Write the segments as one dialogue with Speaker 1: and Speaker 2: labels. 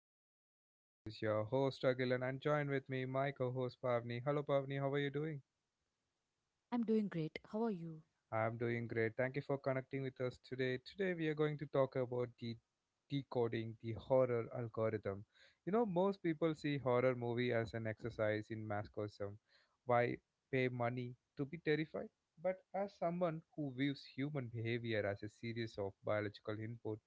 Speaker 1: of my podcast. This is your host Agilan and join with me my co-host Pavni. Hello Pavni, how are you doing?
Speaker 2: I'm doing great. How are you?
Speaker 1: I'm doing great. Thank you for connecting with us today. Today, we are going to talk about the decoding the horror algorithm. You know, most people see horror movie as an exercise in masochism. Why pay money to be terrified? But as someone who views human behavior as a series of biological input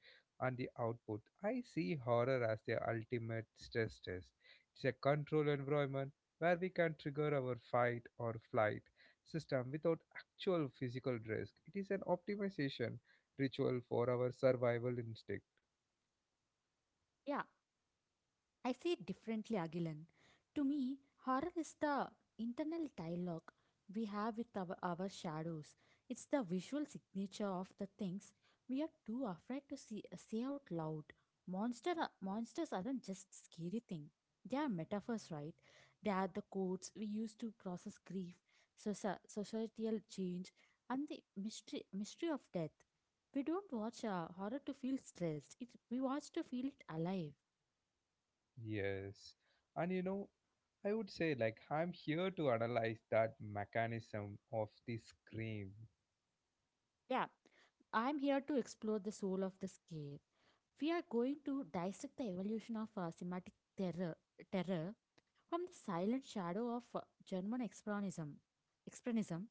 Speaker 1: and the output, I see horror as the ultimate stress test. It's a control environment where we can trigger our fight or flight system without actual physical risk. It is an optimization ritual for our survival instinct.
Speaker 2: Yeah, I see it differently, Agilan. To me, horror is the internal dialogue we have with our shadows. It's the visual signature of the things we are too afraid to see, say out loud. Monsters aren't just scary thing. They are metaphors, right? They are the codes we use to process grief, societal change, and the mystery of death. We don't watch horror to feel stressed. We watch to feel it alive.
Speaker 1: Yes. And you know, I would say, like, I'm here to analyze that mechanism of the scream.
Speaker 2: Yeah, I'm here to explore the soul of the scare. We are going to dissect the evolution of semantic terror from the silent shadow of German expressionism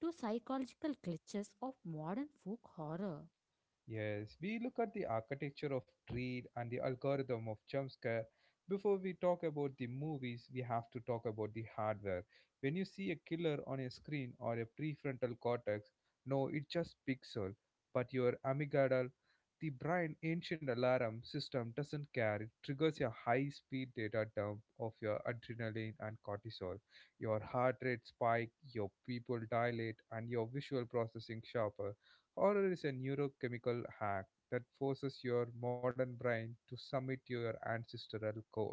Speaker 2: to psychological glitches of modern folk horror.
Speaker 1: Yes, we look at the architecture of dread and the algorithm of jump scare. Before we talk about the movies, we have to talk about the hardware. When you see a killer on a screen or a prefrontal cortex, no, it's just pixel, but your amygdala, the brain ancient alarm system doesn't care. It triggers a high-speed data dump of your adrenaline and cortisol. Your heart rate spike, your pupil dilate, and your visual processing sharp. Horror is a neurochemical hack that forces your modern brain to submit to your ancestral code.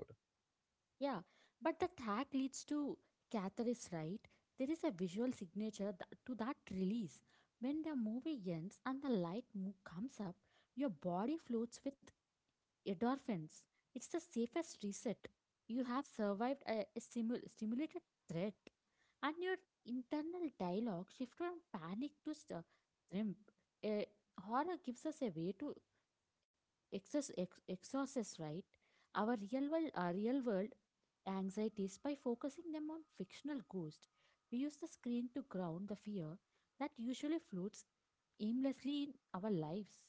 Speaker 2: Yeah, but the tag leads to catharsis, right? There is a visual signature to that release. When the movie ends and the light comes up, your body floats with endorphins. It's the safest reset. You have survived a simulated threat, and your internal dialogue shifts from panic to shrimp. A horror gives us a way to exorcist, right? Our real world anxieties by focusing them on fictional ghosts. We use the screen to ground the fear that usually floats aimlessly in our lives.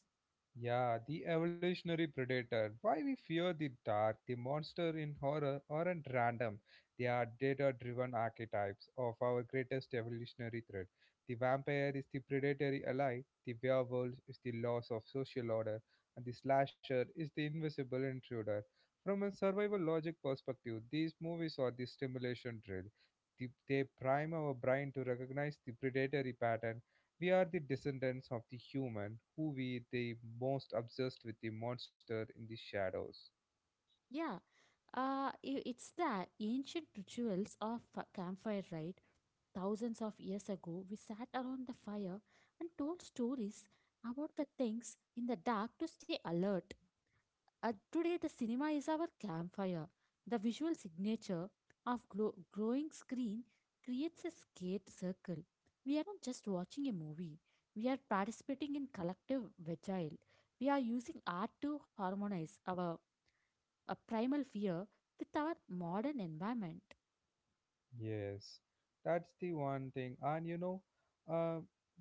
Speaker 1: Yeah, the evolutionary predator. Why we fear the dark, the monster in horror aren't random. They are data driven archetypes of our greatest evolutionary threat. The vampire is the predatory ally, the werewolf is the loss of social order, and the slasher is the invisible intruder. From a survival logic perspective, these movies are the stimulation drill. They prime our brain to recognize the predatory pattern. We are the descendants of the human who were the most obsessed with the monster in the shadows.
Speaker 2: Yeah, it's the ancient rituals of a campfire, right? Thousands of years ago, we sat around the fire and told stories about the things in the dark to stay alert. Today, the cinema is our campfire. The visual signature of growing screen creates a skate circle. We aren't just watching a movie, we are participating in collective vigil. We are using art to harmonize our a primal fear with our modern environment.
Speaker 1: Yes, that's the one thing. And you know, uh,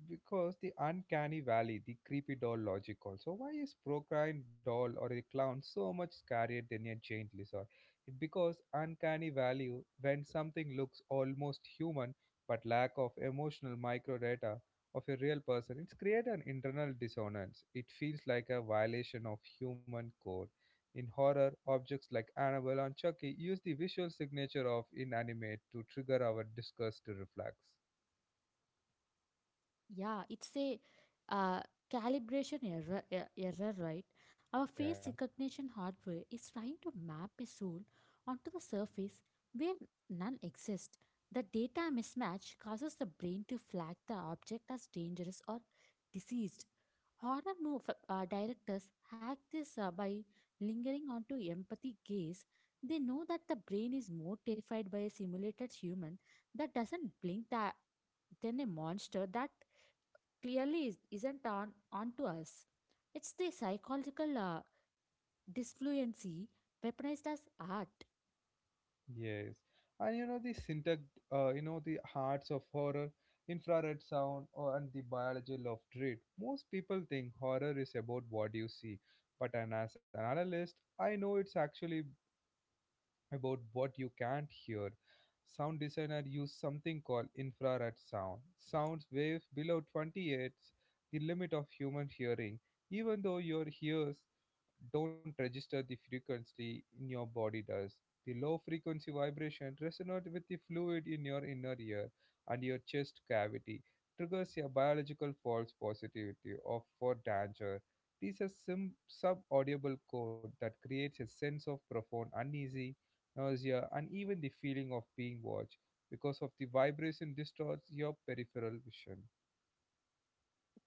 Speaker 1: because the uncanny valley, the creepy doll logic also. Why is Procryne doll or a clown so much scarier than a giant lizard? It because uncanny value when something looks almost human but lack of emotional micro data of a real person, it's create an internal dissonance. It feels like a violation of human code in horror, objects like Annabelle and Chucky use the visual signature of inanimate to trigger our disgust reflex.
Speaker 2: Yeah, it's a uh, calibration error, right? Our face
Speaker 1: Yeah.
Speaker 2: recognition hardware is trying to map a soul onto the surface where none exists. The data mismatch causes the brain to flag the object as dangerous or diseased. Horror move, directors hack this by lingering onto empathy gaze. They know that the brain is more terrified by a simulated human that doesn't blink than a monster that clearly isn't on onto us. It's the psychological disfluency weaponized as art.
Speaker 1: Yes. And you know the syntax, you know the hearts of horror, infrared sound, or and the biology of dread. Most people think horror is about what you see, but as an analyst, I know it's actually about what you can't hear. Sound designer use something called infrared sound. Sounds wave below 28, the limit of human hearing, even though your ears don't register the frequency in your body does. The low frequency vibration resonates with the fluid in your inner ear and your chest cavity, triggers a biological false positivity of for danger. This is a sub-audible code that creates a sense of profound uneasy nausea, and even the feeling of being watched because of the vibration distorts your peripheral vision.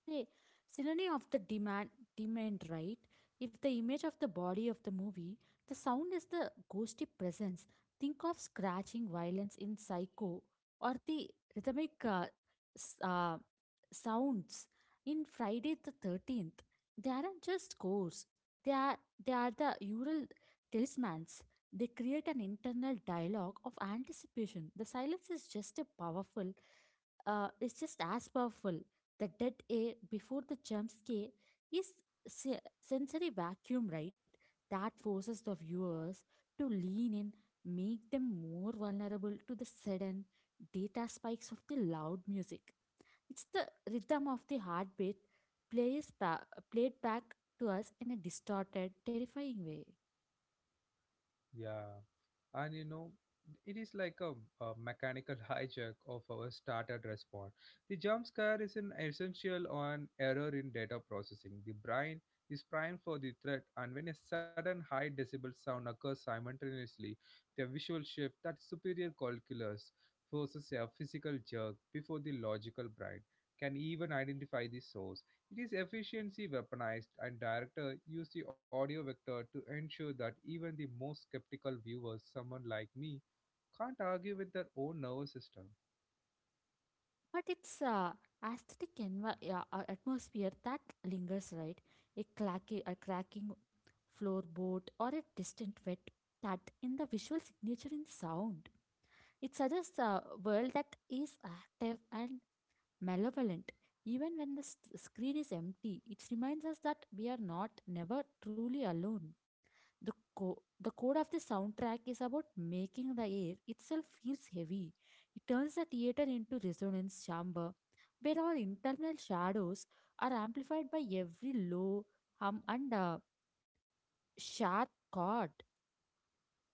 Speaker 2: The synonym of the demand, right? If the image of the body of the movie, the sound is the ghosty presence. Think of scratching violence in Psycho or the rhythmic s- uh, sounds in Friday the 13th. They aren't just scores; they are, they are the ural talismans. They create an internal dialogue of anticipation. The silence is just a powerful, it's just as powerful. The dead air before the jump scare is sensory vacuum, right? That forces the viewers to lean in, make them more vulnerable to the sudden data spikes of the loud music. It's the rhythm of the heartbeat plays ba- played back to us in a distorted, terrifying way.
Speaker 1: Yeah, and you know, it is like a mechanical hijack of our started response. The jump scare is an essential on error in data processing. The brain is primed for the threat, and when a sudden high decibel sound occurs simultaneously, the visual shift that superior calculus forces a physical jerk before the logical brain can even identify the source. It is efficiency weaponized, and director use the audio vector to ensure that even the most skeptical viewers, someone like me, can't argue with their own nervous system.
Speaker 2: But it's a aesthetic atmosphere that lingers, right? A cracking floorboard or a distant wet cat in the visual signature in sound. It suggests a world that is active and malevolent. Even when the screen is empty, it reminds us that we are not never truly alone. The code of the soundtrack is about making the air itself feels heavy. It turns the theater into resonance chamber where our internal shadows are amplified by every low hum and sharp chord.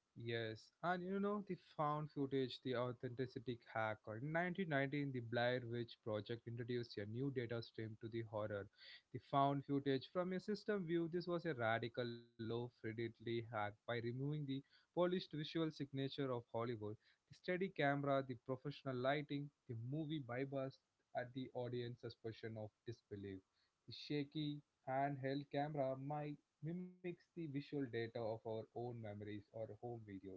Speaker 1: Yes, and you know the found footage, the authenticity hack. Or in 1919, the Blair Witch Project introduced a new data stream to the horror. The found footage from a system view. This was a radical, low fidelity hack. By removing the polished visual signature of Hollywood, the steady camera, the professional lighting, the movie bypass at the audience suspension of disbelief, the shaky handheld camera. My mimics the visual data of our own memories or home videos.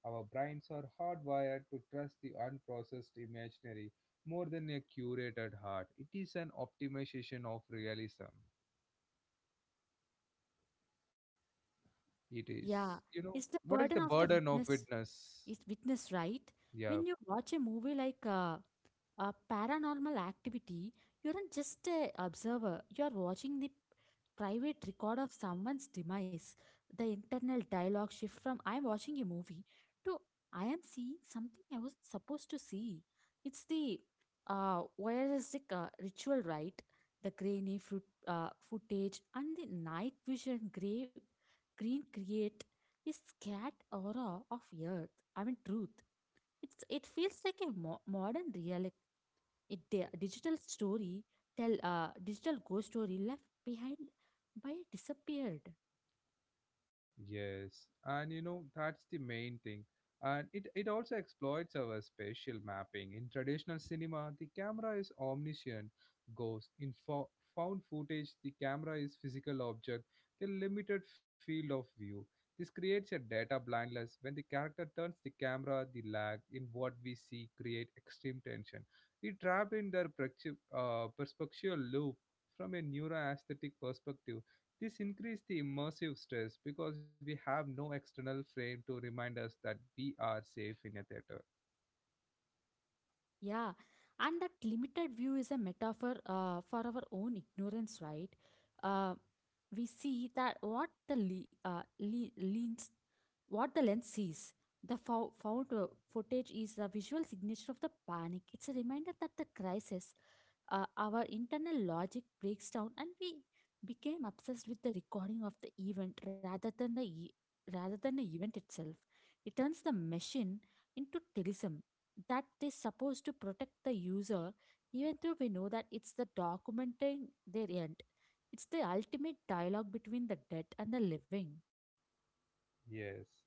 Speaker 1: Our brains are hardwired to trust the unprocessed imaginary more than a curated heart. It is an optimization of realism. It is,
Speaker 2: Yeah,
Speaker 1: you know,
Speaker 2: it's the
Speaker 1: what is the
Speaker 2: burden of the
Speaker 1: burden of
Speaker 2: witness
Speaker 1: witness?
Speaker 2: is witness, right? When
Speaker 1: Yeah.
Speaker 2: you watch a movie like a paranormal activity, you aren't just a observer. You are watching the private record of someone's demise. The internal dialogue shift from I am watching a movie to I am seeing something I wasn't supposed to see. It's the voyeuristic ritual, right? The footage and the night vision gray, green create a scared aura of fear, I mean, truth. It feels like a modern digital story tell digital ghost story left behind by a disappeared.
Speaker 1: Yes, and you know that's the main thing. And it also exploits our spatial mapping. In traditional cinema, the camera is omniscient, ghost. In found footage, the camera is physical object, the limited field of view. This creates a data blindness. When the character turns the camera, the lag in what we see create extreme tension. We trapped in their perspective, perspectual loop from a neuroaesthetic perspective. This increased the immersive stress because we have no external frame to remind us that we are safe in a theater.
Speaker 2: Yeah, and that limited view is a metaphor for our own ignorance, right? Uh, we see that what the lens sees, the found footage is the visual signature of the panic. It's a reminder that the crisis, our internal logic breaks down, and we became obsessed with the recording of the event rather than the event itself. It turns the machine into terrorism that they supposed to protect the user, even though we know that it's the documenting their end. It's the ultimate dialogue between the dead and the living.
Speaker 1: Yes.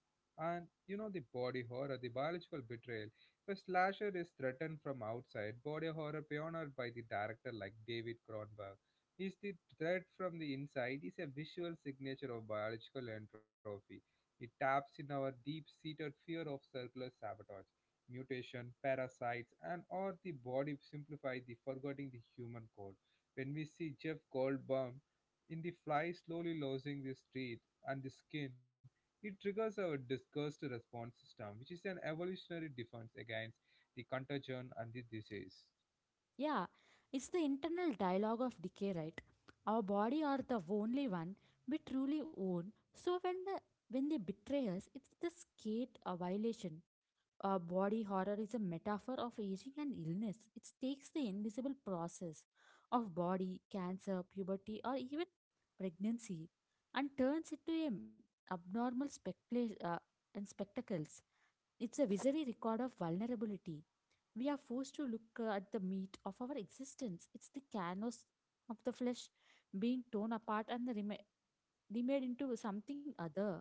Speaker 1: And you know the body horror, the biological betrayal. If a slasher is threatened from outside, body horror pioneered by the director like David Cronenberg is the threat from the inside is a visual signature of biological entropy. It taps in our deep-seated fear of circular sabotage, mutation, parasites, and or the body simplify the forgetting the human code. When we see Jeff Goldblum in the fly slowly losing the teeth and the skin, it triggers our disgust response system, which is an evolutionary defense against the contagion and the disease.
Speaker 2: Yeah, it's the internal dialogue of decay, right? Our body are the only one we truly own, so when they betray us, it's the skate a violation. Body horror is a metaphor of aging and illness. It takes the invisible process of body, cancer, puberty, or even pregnancy and turns it to an abnormal specula- and spectacles. It's a visionary record of vulnerability. We are forced to look at the meat of our existence. It's the canvas of the flesh being torn apart and the remade into something other.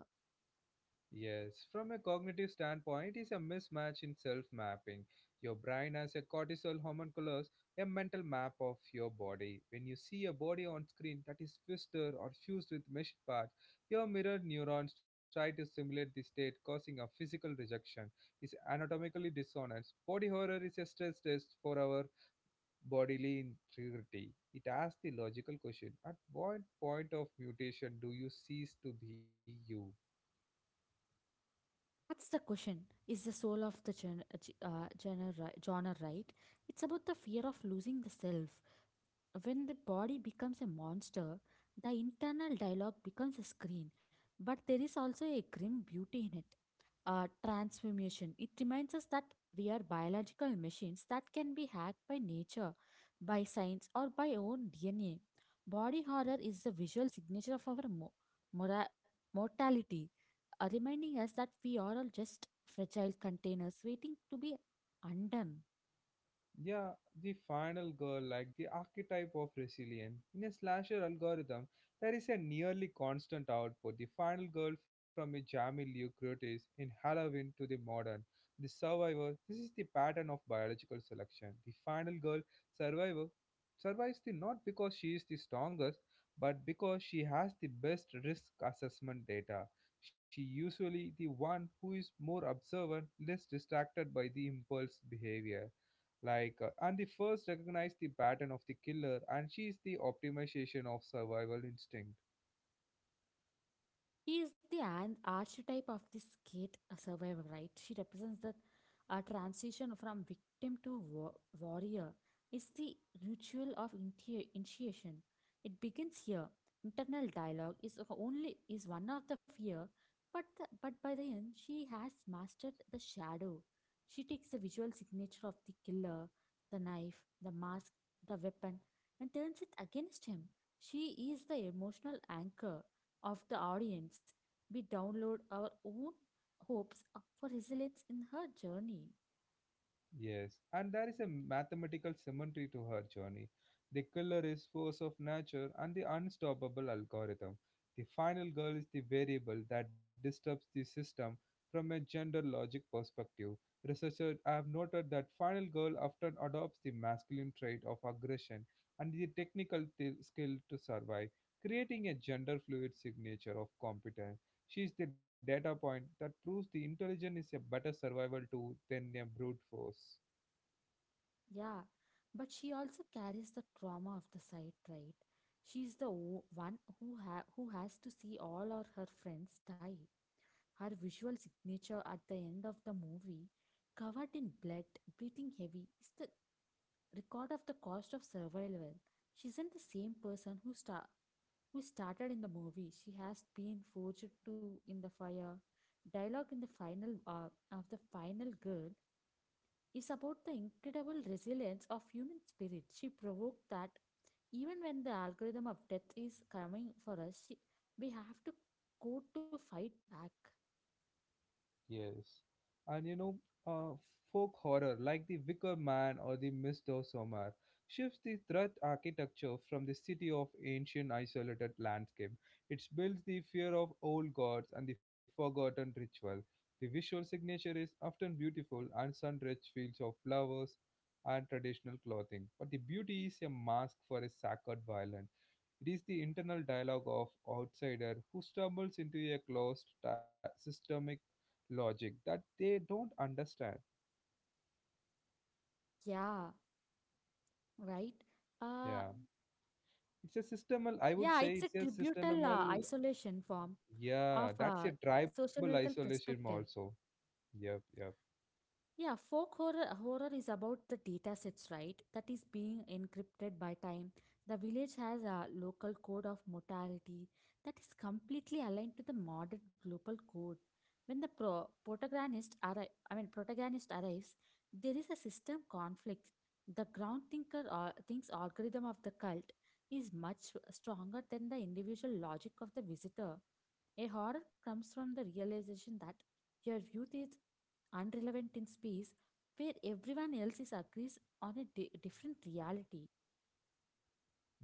Speaker 1: Yes, from a cognitive standpoint, it's a mismatch in self-mapping. Your brain has a cortisol hormone, colors a mental map of your body. When you see a body on screen that is twisted or fused with mesh parts, your mirrored neurons try to simulate the state, causing a physical rejection. It's anatomically dissonance. Body horror is a stress test for our bodily integrity. It asks the logical question at what point of mutation do you cease to be you?
Speaker 2: That's the question. Is the soul of the genre, right? It's about the fear of losing the self. When the body becomes a monster, the internal dialogue becomes a screen. But there is also a grim beauty in it transformation. It reminds us that we are biological machines that can be hacked by nature, by science, or by our own DNA. Body horror is the visual signature of our mora- mortality, reminding us that we are all just fragile containers waiting to be undone.
Speaker 1: Yeah, the final girl, like the archetype of resilience. In a slasher algorithm, there is a nearly constant output. The final girl from a Jamie Lee Curtis in Halloween to the modern, the survivor. This is the pattern of biological selection. The final girl survivor survives the not because she is the strongest, but because she has the best risk assessment data. She usually the one who is more observant, less distracted by the impulse behavior like and the first recognize the pattern of the killer and she is the optimization of survival instinct.
Speaker 2: He is the archetype of the skate survivor, right? She represents that transition from victim to warrior. It's the ritual of initiation. It begins here. Internal dialogue is only is one of the fear, but by the end she has mastered the shadow. She takes the visual signature of the killer, the knife, the mask, the weapon, and turns it against him. She is the emotional anchor of the audience, we download our own hopes up for resilience in her journey.
Speaker 1: Yes, and there is a mathematical symmetry to her journey. The killer is force of nature and the unstoppable algorithm. The final girl is the variable that disturbs the system from a gender logic perspective. Researchers have noted that final girl often adopts the masculine trait of aggression and the technical skill to survive, creating a gender fluid signature of competence. She is the data point that proves the intelligence is a better survival tool than a brute force.
Speaker 2: Yeah, but she also carries the trauma of the site, right? She's the one who has to see all of her friends die. Her visual signature at the end of the movie, covered in blood, breathing heavy, is the record of the cost of survival. She isn't the same person who started in the movie. She has been forged to in the fire. Dialogue in the final of the final girl is about the incredible resilience of human spirit. She provoked that even when the algorithm of death is coming for us, we have to go to fight back.
Speaker 1: Yes. And you know, uh, folk horror like The Wicker Man or The Mist of Somar shifts the threat architecture from the city of ancient isolated landscape. It builds the fear of old gods and the forgotten ritual. The visual signature is often beautiful and sun-drenched fields of flowers and traditional clothing, but the beauty is a mask for a sacred violence. It is the internal dialogue of outsider who stumbles into a closed systemic logic that they don't understand.
Speaker 2: Yeah, right. Uh,
Speaker 1: Yeah, it's a systemal. I would
Speaker 2: Yeah,
Speaker 1: say
Speaker 2: it's a
Speaker 1: it's a
Speaker 2: tributal
Speaker 1: systemal.
Speaker 2: isolation form of
Speaker 1: Yeah,
Speaker 2: a
Speaker 1: that's a tribal
Speaker 2: sociological
Speaker 1: isolation
Speaker 2: perspective.
Speaker 1: also. Yep, yep.
Speaker 2: Yeah, folk horror is about the data sets, right? That is being encrypted by time. The village has a local code of mortality that is completely aligned to the modern global code. When the protagonist, I mean, protagonist arrives, there is a system conflict. The ground thinker or thinks algorithm of the cult is much stronger than the individual logic of the visitor. A horror comes from the realization that your youth is unrelevant in space where everyone else is agrees on a different reality.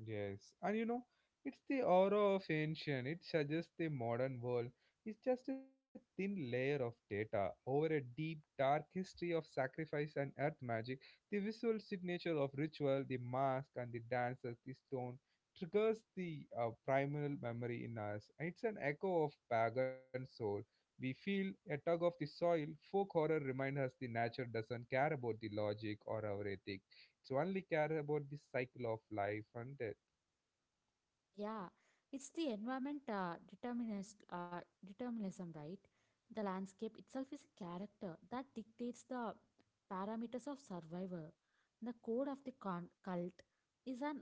Speaker 1: Yes, and you know, it's the aura of ancient. It suggests the modern world is just a thin layer of data over a deep, dark history of sacrifice and earth magic. The visual signature of ritual, the mask, and the dance the stone triggers the primal memory in us. It's an echo of pagan soul. We feel a tug of the soil. Folk horror reminds us the nature doesn't care about the logic or our ethic. It's only care about the cycle of life and death.
Speaker 2: Yeah, it's the environment determinism, right? The landscape itself is a character that dictates the parameters of survival. The code of the cult is an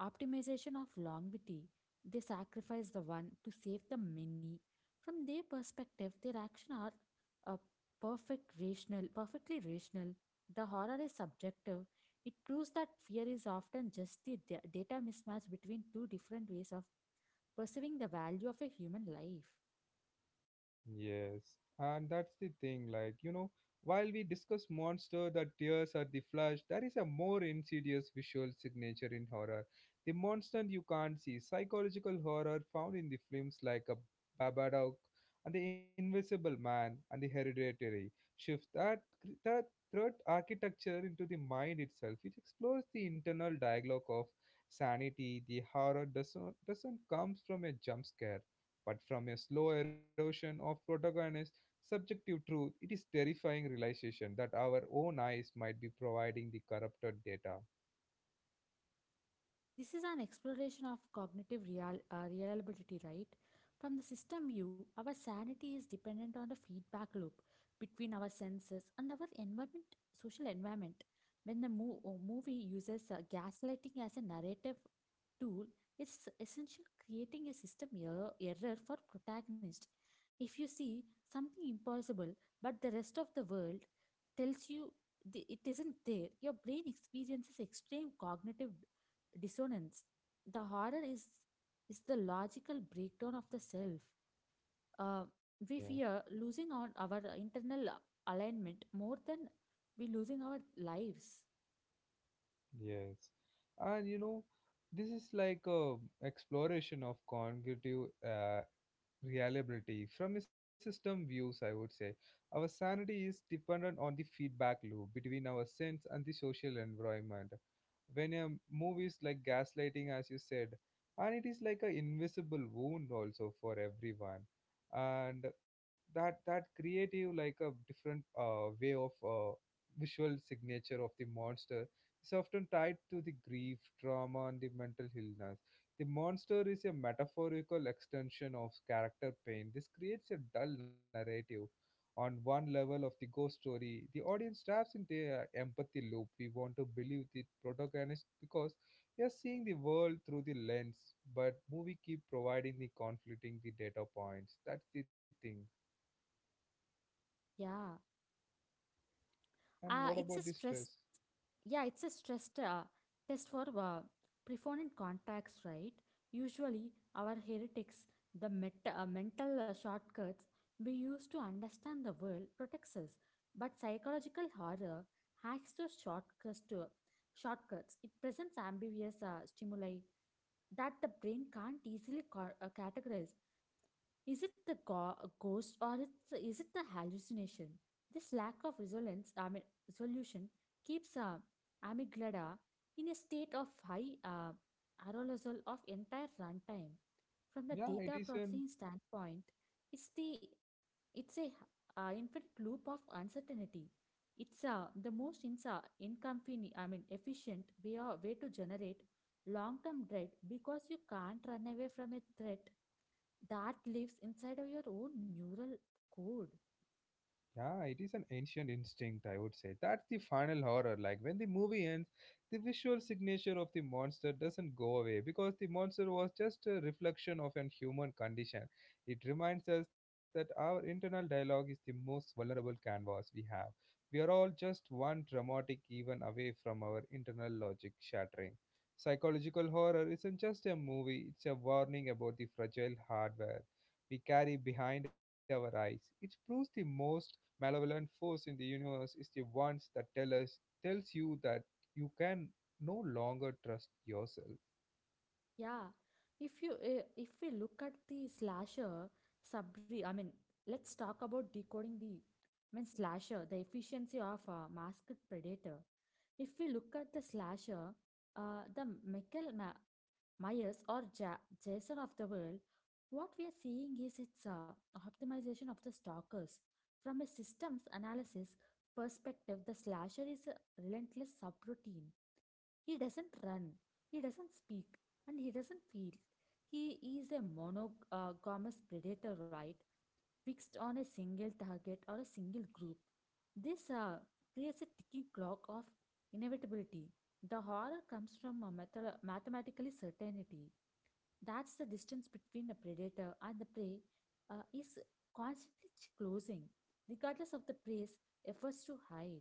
Speaker 2: optimization of longevity, they sacrifice the one to save the many. From their perspective, their action are a perfectly rational. The horror is subjective. It proves that fear is often just the data mismatch between two different ways of perceiving the value of a human life.
Speaker 1: Yes, and that's the thing, like, you know, while we discuss monster, the tears or the flash, there is a more insidious visual signature in horror. The monster you can't see, psychological horror found in the films like a Babadook and The Invisible Man and The Hereditary shifts that threat architecture into the mind itself. It explores the internal dialogue of sanity. The horror doesn't comes from a jump scare but from a slow erosion of protagonist subjective truth, it is terrifying realization that our own eyes might be providing the corrupted data.
Speaker 2: This is an exploration of cognitive reliability, right? From the system view, our sanity is dependent on the feedback loop between our senses and our environment, social environment. When the movie uses gaslighting as a narrative tool, it's essential creating a system error for protagonist. If you see something impossible, but the rest of the world tells you it isn't there, your brain experiences extreme cognitive dissonance. The horror is the logical breakdown of the self. uh,
Speaker 1: Yes,
Speaker 2: we fear losing on our internal alignment more than we losing our lives.
Speaker 1: yes. And you know, this is like a exploration of cognitive reliability from a system views, I would say. Our sanity is dependent on the feedback loop between our sense and the social environment. When a movie is like gaslighting, as you said, and it is like an invisible wound also for everyone. And that creative like a different way of visual signature of the monster is often tied to the grief, trauma, and the mental illness. The monster is a metaphorical extension of character pain. This creates a dull narrative. On one level of the ghost story, the audience traps in the empathy loop. We want to believe the protagonist because we are seeing the world through the lens, but movie keep providing the conflicting the data points. That's the thing.
Speaker 2: Yeah.
Speaker 1: And what
Speaker 2: It's a
Speaker 1: about the
Speaker 2: stress.
Speaker 1: stress?
Speaker 2: Yeah, it's a stress test for profound contacts, right? Usually, our heretics, the mental shortcuts we use to understand the world, protects us. But psychological horror hacks those shortcuts. Shortcuts. It presents ambiguous stimuli that the brain can't easily categorize. Is it the ghost or is it the hallucination? This lack of resolution keeps amygdala in a state of high arousal of entire runtime. From the
Speaker 1: Yeah, it
Speaker 2: data
Speaker 1: is a
Speaker 2: processing standpoint, it's the it's a infinite loop of uncertainty. It's the most efficient way to generate long-term dread because you can't run away from a threat that lives inside of your own neural code.
Speaker 1: Yeah, it is an ancient instinct, I would say. That's the final horror. Like when the movie ends, the visual signature of the monster doesn't go away because the monster was just a reflection of an human condition. It reminds us that our internal dialogue is the most vulnerable canvas we have. We are all just one dramatic even away from our internal logic shattering. Psychological horror isn't just a movie, it's a warning about the fragile hardware we carry behind our eyes. It proves the most malevolent force in the universe is the ones that tells you that you can no longer trust yourself.
Speaker 2: Yeah, if we look at the slasher Sabri, I mean, let's talk about decoding the slasher, the efficiency of a masked predator. If we look at the slasher, the Michael Myers or Jason of the world, what we are seeing is its optimization of the stalkers. From a systems analysis perspective, the slasher is a relentless subroutine. He doesn't run, he doesn't speak, and he doesn't feel. He is a monogamous predator, right? Fixed on a single target or a single group. This creates a ticking clock of inevitability. The horror comes from a mathematically certainty. That's the distance between the predator and the prey is constantly closing, regardless of the prey's efforts to hide.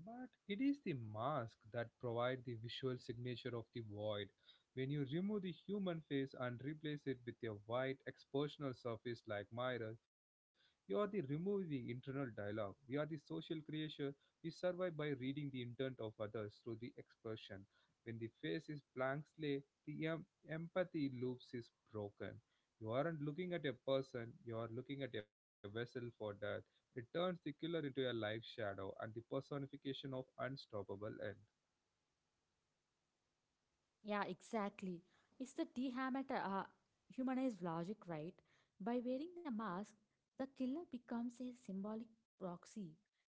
Speaker 1: But it is the mask that provide the visual signature of the void. When you remove the human face and replace it with a white expositional surface like mirror, you are the remove the internal dialogue. We are the social creature. We survive by reading the intent of others through the expression. When the face is blank slate, the empathy loops is broken. You aren't looking at a person, you are looking at a vessel for that. It turns the killer into a life shadow and the personification of unstoppable end.
Speaker 2: Yeah, exactly. It's the dehammer humanized logic, right? By wearing the mask, the killer becomes a symbolic proxy.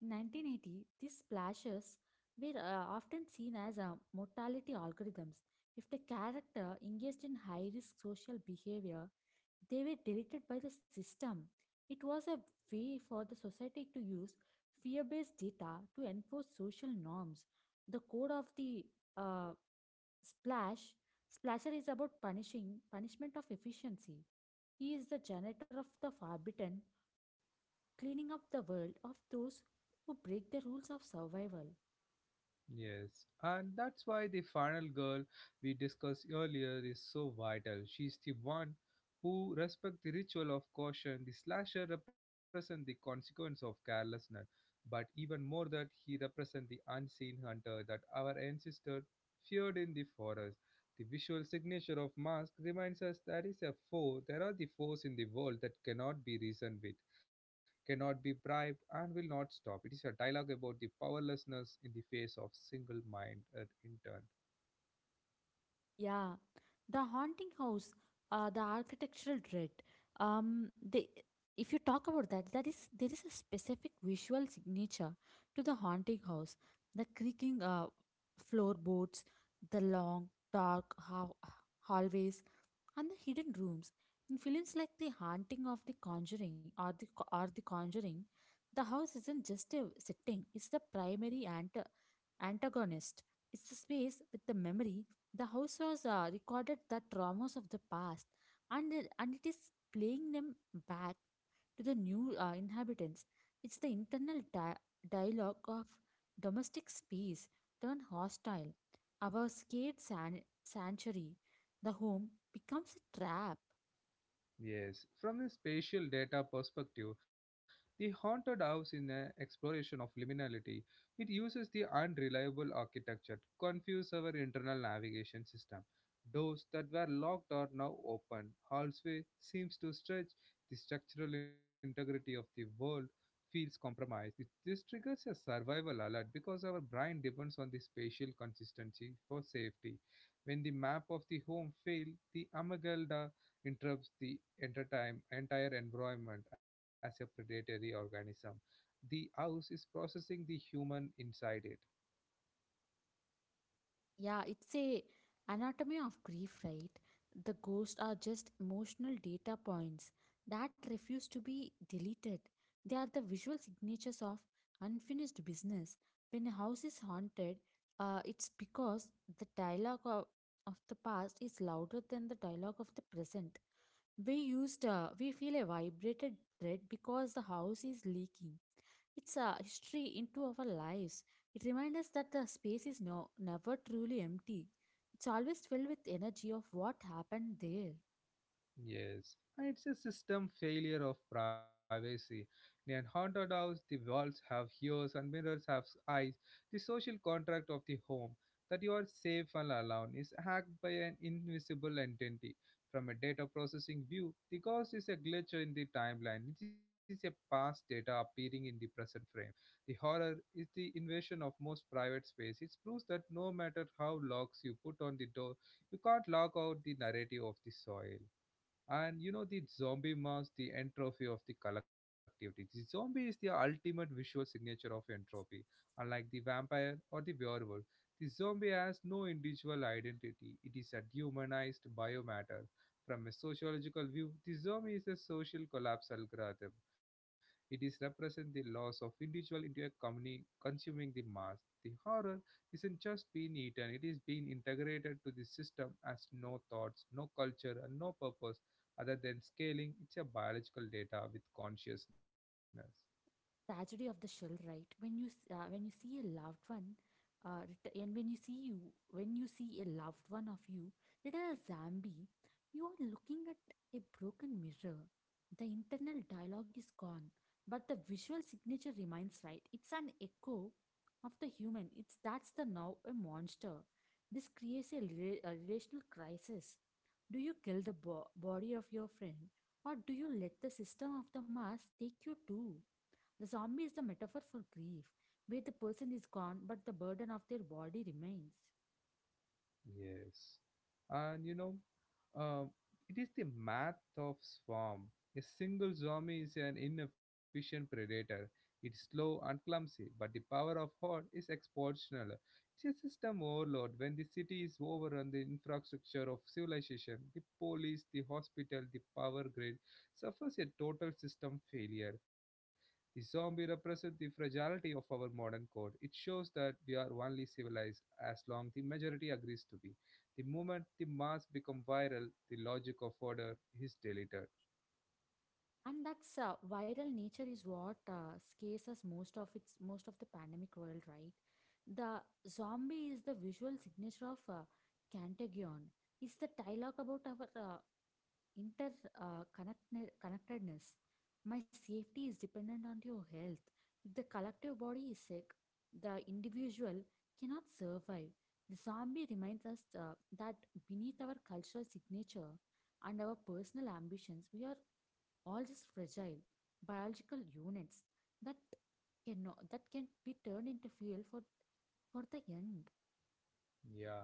Speaker 2: In 1980, these splashes were often seen as mortality algorithms. If the character engaged in high risk social behavior, they were deleted by the system. It was a way for the society to use fear based data to enforce social norms. The code of the uh, Splash. Splasher is about punishing punishment of efficiency. He is the janitor of the forbidden, cleaning up the world of those who break the rules of survival.
Speaker 1: Yes, and that's why the final girl we discussed earlier is so vital. She's the one who respects the ritual of caution. The slasher represents the consequence of carelessness, but even more that he represents the unseen hunter that our ancestors feared in the forest. The visual signature of mask reminds us there is a foe, there are the foes in the world that cannot be reasoned with, cannot be bribed, and will not stop. It is a dialogue about the powerlessness in the face of single minded intern.
Speaker 2: Yeah, the haunting house, the architectural dread. Um, they, if you talk about that, that is there is a specific visual signature to the haunting house. The creaking floorboards, the long dark hallways, and the hidden rooms in films like the haunting of the conjuring or the conjuring, the house isn't just a setting, it's the primary Antagonist, is the space with the memory. The house was recorded the traumas of the past, and it is playing them back to the new inhabitants. It's the internal dialogue of domestic space turned hostile. Our sanctuary, the home, becomes a trap.
Speaker 1: Yes, from a spatial data perspective, the haunted house is an exploration of liminality. It uses the unreliable architecture to confuse our internal navigation system. Doors that were locked are now open. Hallway seems to stretch. The structural integrity of the world feels compromised. This triggers a survival alert because our brain depends on the spatial consistency for safety. When the map of the home fails, the amygdala interrupts the entire environment as a predatory organism. The house is processing the human inside it.
Speaker 2: Yeah, it's a anatomy of grief, right? The ghosts are just emotional data points that refuse to be deleted. They are the visual signatures of unfinished business. When a house is haunted, it's because the dialogue of the past is louder than the dialogue of the present. We feel a vibrated dread because the house is leaking. It's a history into our lives. It reminds us that the space is never truly empty. It's always filled with energy of what happened there.
Speaker 1: Yes, and it's a system failure of privacy. In a haunted house, the walls have ears and mirrors have eyes. The social contract of the home, that you are safe and alone, is hacked by an invisible entity. From a data processing view, the ghost is a glitch in the timeline. It is a past data appearing in the present frame. The horror is the invasion of most private space. It proves that no matter how locks you put on the door, you can't lock out the narrative of the soil. And you know, the zombie mask, the entropy of the collectivity. The zombie is the ultimate visual signature of entropy. Unlike the vampire or the werewolf, the zombie has no individual identity. It is a dehumanized biomatter. From a sociological view, the zombie is a social collapse algorithm. It is represent the loss of individual into a company consuming the mass. The horror isn't just being eaten, it is being integrated to the system as no thoughts, no culture, and no purpose other than scaling. It's a biological data with consciousness.
Speaker 2: Tragedy of the shell, right? When you see a loved one ret- and when you see you when you see a loved one of you that are a zombie, you are looking at a broken mirror. The internal dialogue is gone, but the visual signature remains, right? It's an echo of the human. It's that's the now a monster. This creates a relational crisis. Do you kill the body of your friend, or do you let the system of the mass take you too? The zombie is the metaphor for grief, where the person is gone but the burden of their body remains.
Speaker 1: Yes. And you know, uh, it is the math of swarm. A single zombie is an inefficient predator. It's slow and clumsy, but the power of horde is exponential. It's a system overload. When the city is overrun, the infrastructure of civilization, the police, the hospital, the power grid, suffers a total system failure. The zombie represents the fragility of our modern code. It shows that we are only civilized as long the majority agrees to be. The moment the mass become viral, the logic of order is deleted.
Speaker 2: And that's viral nature is what scares us most, of its most of the pandemic world, right? The zombie is the visual signature of Cantagion. It's the dialogue about our inter connected connectedness. My safety is dependent on your health. If the collective body is sick, the individual cannot survive. The zombie reminds us that beneath our cultural signature and our personal ambitions, we are all just fragile biological units that cannot that can be turned into fuel for the end.
Speaker 1: Yeah.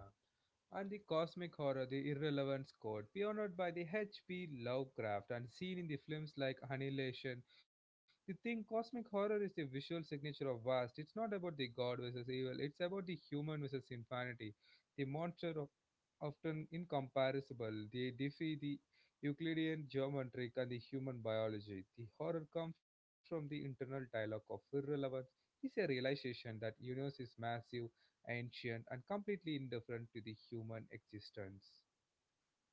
Speaker 1: And the cosmic horror, the irrelevance code pioneered by the HP Lovecraft and seen in the films like Annihilation, The Thing, cosmic horror is the visual signature of vast. It's not about the god versus evil, it's about the human versus infinity. The monster of, often incomparable, they defy the Euclidean geometric and the human biology. The horror comes from the internal dialogue of irrelevance. It's a realization that universe is massive, ancient, and completely indifferent to the human existence.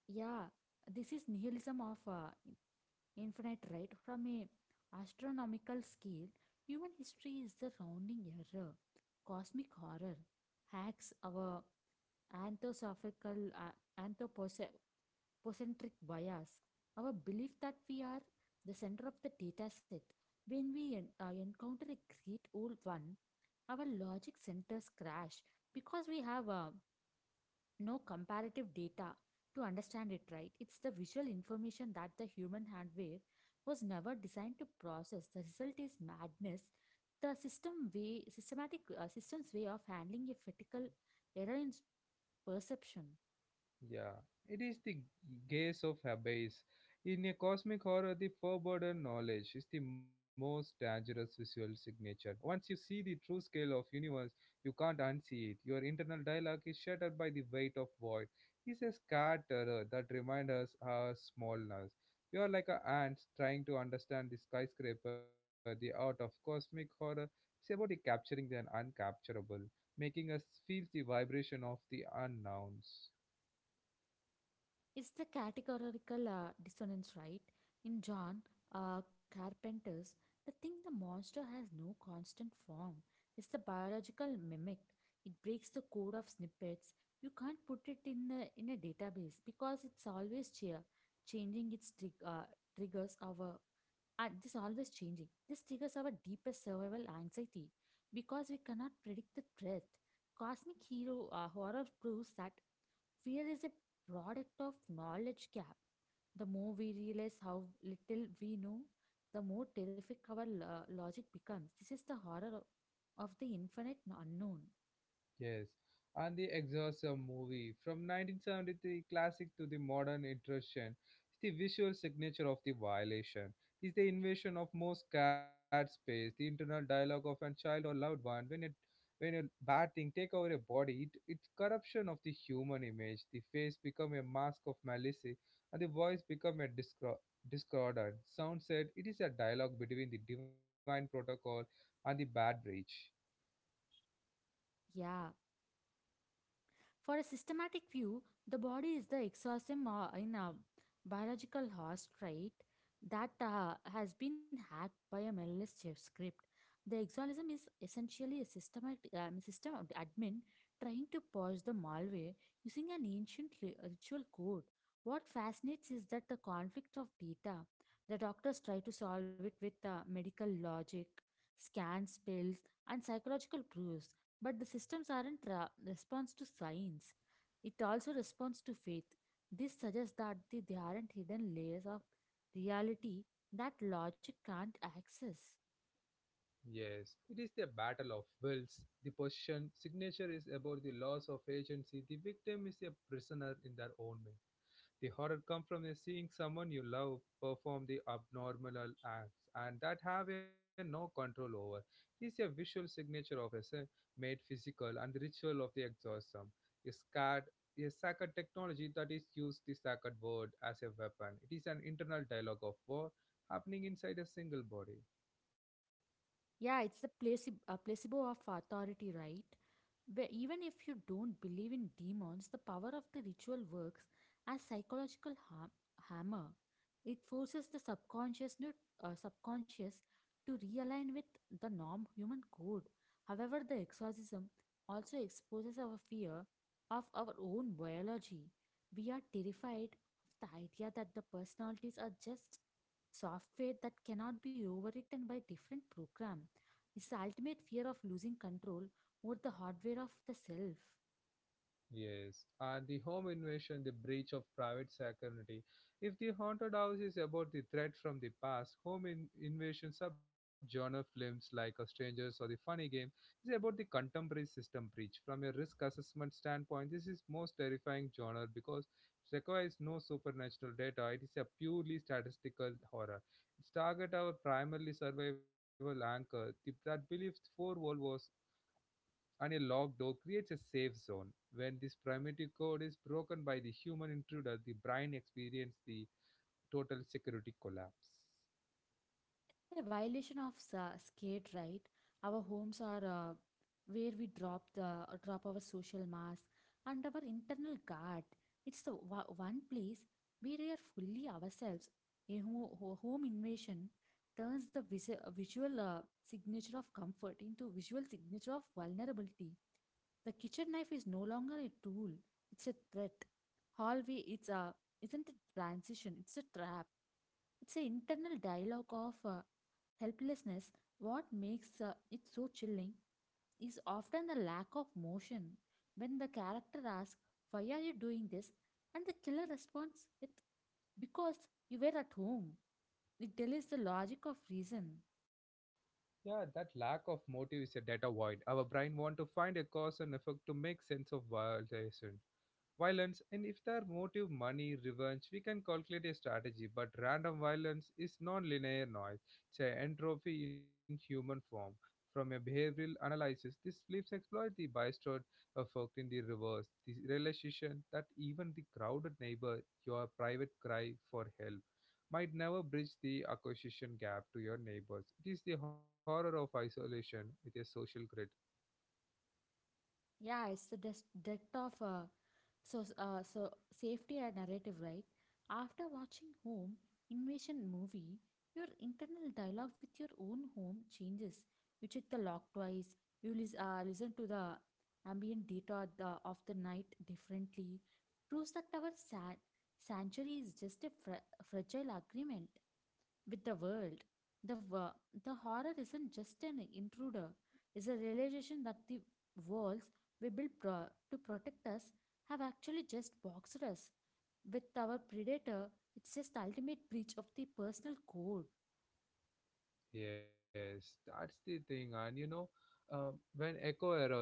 Speaker 2: Yeah, this is nihilism of infinite, right? From a astronomical scale, human history is the rounding error. Cosmic horror hacks our anthroposophical anthropocentric bias, our belief that we are the center of the data set. When we encounter a great old one, our logic centers crash because we have no comparative data to understand it, right. It's the visual information that the human hardware was never designed to process. The result is madness. The systematic system's way of handling a critical error in perception.
Speaker 1: Yeah, it is the gaze of abyss. In a cosmic horror, the forbidden knowledge is the most dangerous visual signature. Once you see the true scale of universe, you can't unsee it. Your internal dialogue is shattered by the weight of void. It's a scarred terror that reminds us our smallness. You are like an ant trying to understand the skyscraper. The art of cosmic horror is about the capturing the uncapturable, making us feel the vibration of the unknowns.
Speaker 2: It's the categorical dissonance, right? In John Carpenter's, the thing, the monster has no constant form. It's the biological mimic. It breaks the code of snippets. You can't put it in in a database because it's always changing its triggers our, this always changing. This triggers our deepest survival anxiety because we cannot predict the threat. Cosmic hero horror proves that fear is a product of knowledge gap. The more we realize how little we know, the more terrific our logic becomes. This is the horror of the infinite unknown.
Speaker 1: Yes, and the Exorcism movie from 1973 classic to the modern intrusion is the visual signature of the violation. It is the invasion of most cat space, the internal dialogue of a child or loved one when it, when a bad thing take over a body, it's corruption of the human image. The face become a mask of malice, and the voice become a discordant sound. Said it is a dialogue between the divine protocol and the bad breach.
Speaker 2: Yeah. For a systematic view, the body is the exosome in a biological host, right? That has been hacked by a malicious chef script. The exolism is essentially a system admin trying to purge the malware using an ancient ritual code. What fascinates is that the conflict of data. The doctors try to solve it with medical logic, scans, pills, and psychological proofs, but the systems aren't response to science. It also responds to faith. This suggests that the, they aren't hidden layers of reality that logic can't access.
Speaker 1: Yes, it is the battle of wills. The Persian signature is about the loss of agency. The victim is a prisoner in their own mind. The horror comes from the seeing someone you love perform the abnormal acts and that have a no control over. It is a visual signature of a sin made physical and the ritual of the exorcism. A sacred, a sacred technology that is used the sacred word as a weapon. It is an internal dialogue of war happening inside a single body.
Speaker 2: Yeah, it's the placebo of authority, right? Where even if you don't believe in demons, the power of the ritual works as psychological hammer. It forces the subconscious to realign with the norm human code. However, the exorcism also exposes our fear of our own biology. We are terrified of the idea that the personalities are just software that cannot be overwritten by different program. It's the ultimate fear of losing control over the hardware of the self.
Speaker 1: Yes, and the home invasion, the breach of private security. If the haunted house is about the threat from the past, home invasion subgenre films like A Strangers or The Funny Game is about the contemporary system breach. From a risk assessment standpoint, this is most terrifying genre because it requires no supernatural data. It is a purely statistical horror. Its target our primarily survival anchor that believes four world wars and a locked door creates a safe zone. When this primitive code is broken by the human intruder, the brain experiences the total security collapse.
Speaker 2: A violation of skate, right. Our homes are where we drop our social mask and our internal guard. It's the one place where we are fully ourselves. A home invasion turns the visual signature of comfort into visual signature of vulnerability. The kitchen knife is no longer a tool, it's a threat. Hallway, it's a isn't a transition, it's a trap. It's an internal dialogue of helplessness. What makes it so chilling is often the lack of motion. When the character asks, "Why are you doing this?" and the killer responds with, "Because you were at home." It delays the logic of reason.
Speaker 1: Yeah, that lack of motive is a data void. Our brain want to find a cause and effect to make sense of violation. violence. And if their motive money revenge, we can calculate a strategy, but random violence is non-linear noise. It's an entropy in human form. From a behavioral analysis, this flips exploit the bystander effect in the reverse, the realization that even the crowded neighbor your private cry for help might never bridge the acquisition gap to your neighbors. It is the horror of isolation with a social grid.
Speaker 2: Yeah, it's the depth of so safety and narrative, right? After watching Home Invasion movie, your internal dialogue with your own home changes. You check the lock twice. You listen to the ambient data the, of the night differently. Proves that our sanctuary is just a fragile agreement with the world. The, wo- the horror isn't just an intruder, it's a realization that the walls we build to protect us have actually just boxed us. With our predator, it's just ultimate breach of the personal code.
Speaker 1: Yes, that's the thing, and you know, uh, when echo error,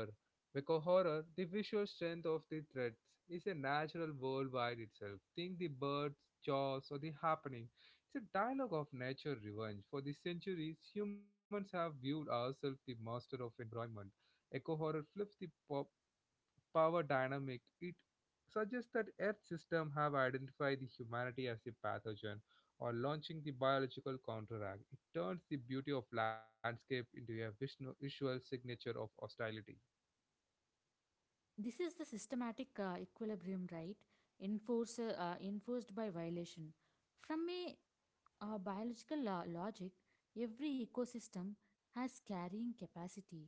Speaker 1: echo horror, the visual strength of the threats is a natural worldwide itself. Think The Birds, Jaws, or The Happening. It's a dialogue of nature revenge. For the centuries, humans have viewed ourselves the master of environment. Echo horror flips the pop power dynamic, it suggests that Earth system have identified the humanity as a pathogen or launching the biological counterattack. It turns the beauty of landscape into a visual signature of hostility.
Speaker 2: This is the systematic equilibrium, right? Enforced by violation. From a Our biological logic, every ecosystem has carrying capacity.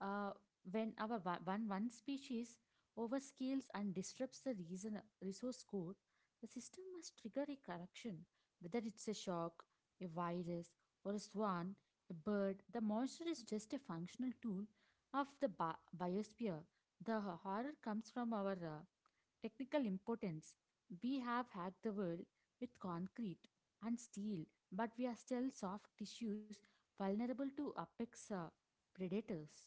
Speaker 2: Uh, when one, one species overscales and disrupts the resource code, the system must trigger a correction. Whether it's a shock, a virus, or a swan, a bird, the monster is just a functional tool of the biosphere. The horror comes from our technical impotence. We have hacked the world with concrete and steel, but we are still soft tissues vulnerable to apex predators.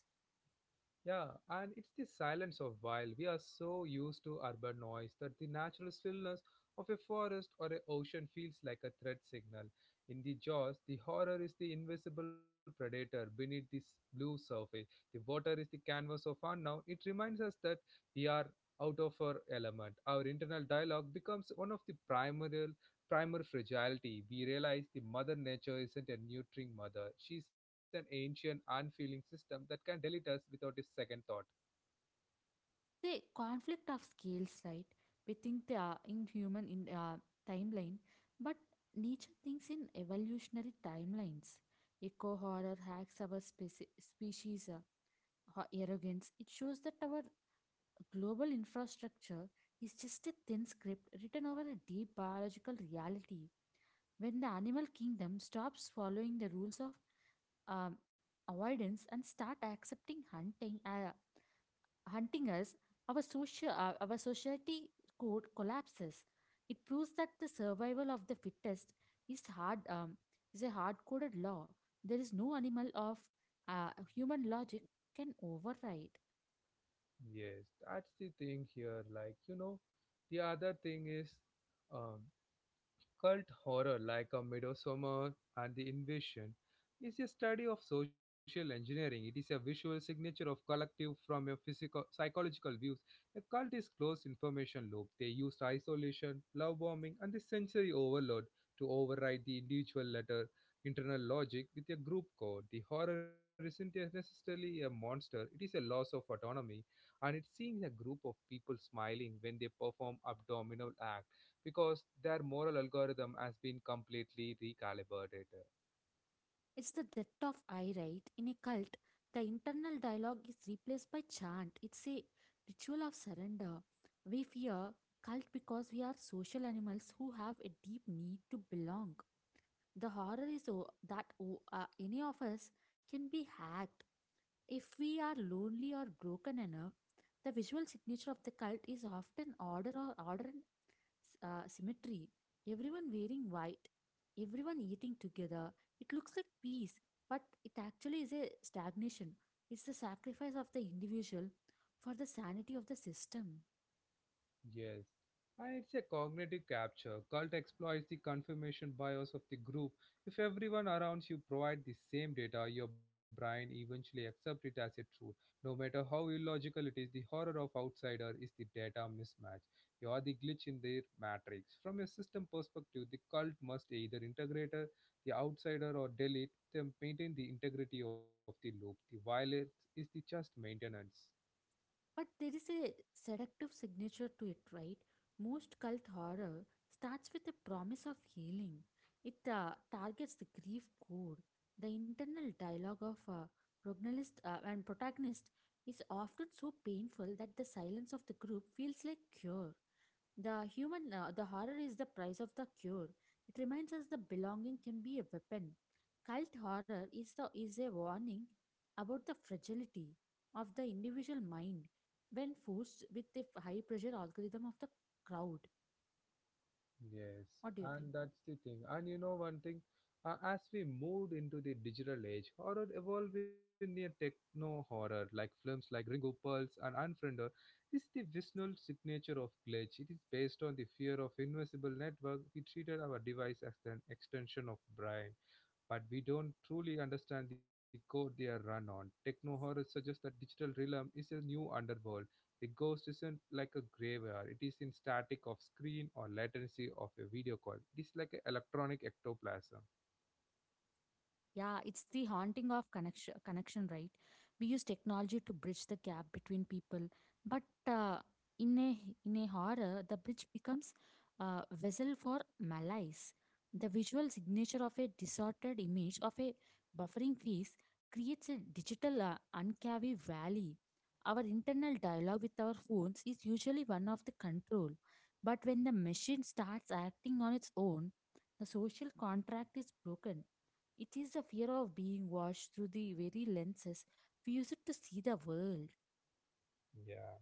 Speaker 1: Yeah, and it's the silence of wild. We are so used to urban noise that the natural stillness of a forest or an ocean feels like a threat signal. In the Jaws, the horror is the invisible predator beneath this blue surface. The water is the canvas of unknown. It reminds us that we are out of our element. Our internal dialogue becomes one of the primary primal fragility. We realize the mother nature isn't a nurturing mother. She's an ancient, unfeeling system that can delete us without a second thought.
Speaker 2: The conflict of scales, right? We think they are in human in timeline, but nature thinks in evolutionary timelines. Eco horror hacks our speci- species ho- arrogance. It shows that our global infrastructure is just a thin script written over a deep biological reality. When the animal kingdom stops following the rules of um, avoidance and start accepting hunting us, our social our society code collapses. It proves that the survival of the fittest is hard um, is a hard coded law. There is no animal of uh, human logic can override.
Speaker 1: Yes, that's the thing here. Like, you know, the other thing is, um, Cult horror like a Midsummer and the Invasion is a study of social engineering. It is a visual signature of collective from a physical psychological views. A cult is closed information loop. They use isolation, love bombing, and the sensory overload to override the individual letter internal logic with a group code. The horror isn't necessarily a monster, it is a loss of autonomy, and it's seeing a group of people smiling when they perform abdominal acts because their moral algorithm has been completely recalibrated.
Speaker 2: It's the death of I, right? In a cult, the internal dialogue is replaced by chant. It's a ritual of surrender. We fear cult because we are social animals who have a deep need to belong. The horror is any of us can be hacked if we are lonely or broken enough, the visual signature of the cult is often order or order and symmetry. Everyone wearing white, everyone eating together. It looks like peace, but it actually is a stagnation. It's the sacrifice of the individual for the sanity of the system.
Speaker 1: Yes. And it's a cognitive capture. Cult exploits the confirmation bias of the group. If everyone around you provide the same data, your brain eventually accepts it as a truth. No matter how illogical it is, the horror of outsider is the data mismatch. You are the glitch in their matrix. From a system perspective, the cult must either integrate the outsider or delete them, maintain the integrity of the loop. The violence is the just maintenance.
Speaker 2: But there is a seductive signature to it, right? Most cult horror starts with a promise of healing. It targets the grief core. The internal dialogue of a protagonist is often so painful that the silence of the group feels like cure. The human, the horror is the price of the cure. It reminds us the belonging can be a weapon. Cult horror is the is a warning about the fragility of the individual mind when forced with the high pressure algorithm of the crowd.
Speaker 1: Yes,
Speaker 2: What do you think?
Speaker 1: and that's the thing. And you know one thing, as we moved into the digital age, horror evolved in a techno horror, like films like Ringo, Pulse, and Unfriender. This is the visual signature of glitch. It is based on the fear of invisible network. We treated our device as an extension of brain but we don't truly understand the code they are run on. Techno horror suggests that digital realm is a new underworld. The ghost isn't like a graveyard, it is in static of screen or latency of a video call. It is like an electronic ectoplasm.
Speaker 2: Yeah, it's the haunting of connection, connection, right? We use technology to bridge the gap between people, but in a in a horror, the bridge becomes a vessel for malice. The visual signature of a distorted image of a buffering face creates a digital uncavi valley. Our internal dialogue with our phones is usually one of the control, but when the machine starts acting on its own, the social contract is broken. It is the fear of being watched through the very lenses we use it to see the world.
Speaker 1: Yeah,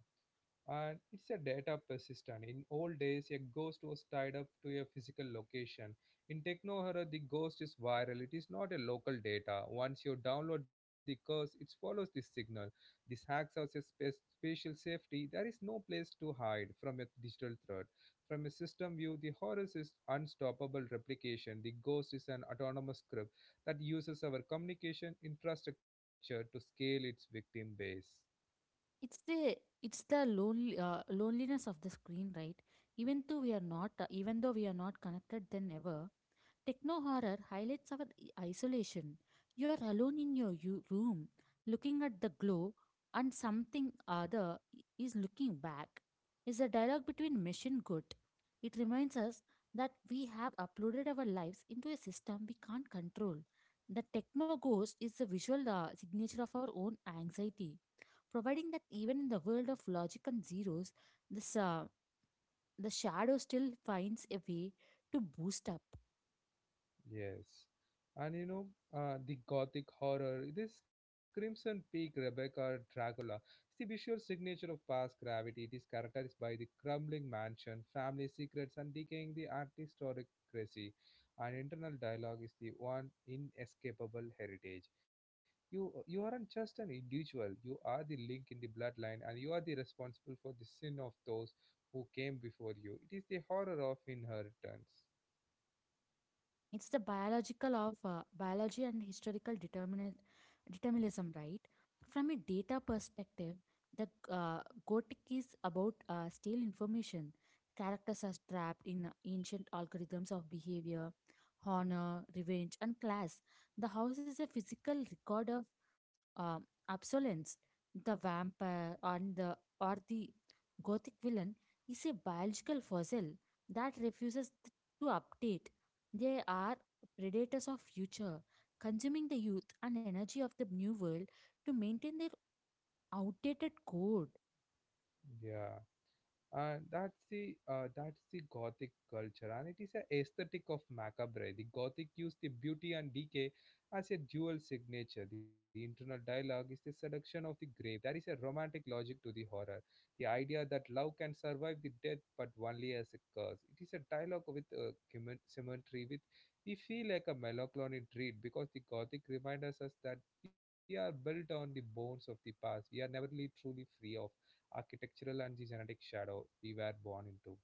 Speaker 1: and it's a data persistent. In old days, a ghost was tied up to a physical location. In techno horror, the ghost is viral. It is not a local data. Once you download the curse, it follows the signal. This hacks us a spatial safety. There is no place to hide from a digital threat. From a system view, the horror is unstoppable replication. The ghost is an autonomous script that uses our communication infrastructure to scale its victim base.
Speaker 2: It's the it's the lonely loneliness of the screen, right? Even though we are not, even though we are not connected than ever, techno horror highlights our isolation. You're alone in your room, looking at the glow, and something other is looking back. Is a dialogue between machine good. It reminds us that we have uploaded our lives into a system we can't control. The techno ghost is the visual signature of our own anxiety, providing that even in the world of logic and zeros, this the shadow still finds a way to boost up.
Speaker 1: Yes. And you know, the gothic horror, this Crimson Peak Rebecca or Dracula, is the visual signature of past gravity. It is characterized by the crumbling mansion, family secrets, and decaying the artistocracy. And internal dialogue is the one inescapable heritage. You aren't just an individual, you are the link in the bloodline, and you are the responsible for the sin of those who came before you. It is the horror of inheritance.
Speaker 2: It's the biological of biology and historical determinism, right? From a data perspective, the Gothic is about stale information. Characters are trapped in ancient algorithms of behavior, honor, revenge, and class. The house is a physical record of um, absolence, the vampire and the gothic villain is a biological fossil that refuses to update. They are predators of future, consuming the youth and energy of the new world to maintain their outdated code.
Speaker 1: Yeah, and that's the gothic culture, and it is a aesthetic of macabre. The gothic used the beauty and decay as a dual signature. The internal dialogue is the seduction of the grave. There is a romantic logic to the horror, the idea that love can survive the death but only as a curse. It is a dialogue with a cemetery with we feel like a melancholy treat, because the gothic reminds us that we are built on the bones of the past. We are never really truly free of architectural and the genetic shadow we were born into.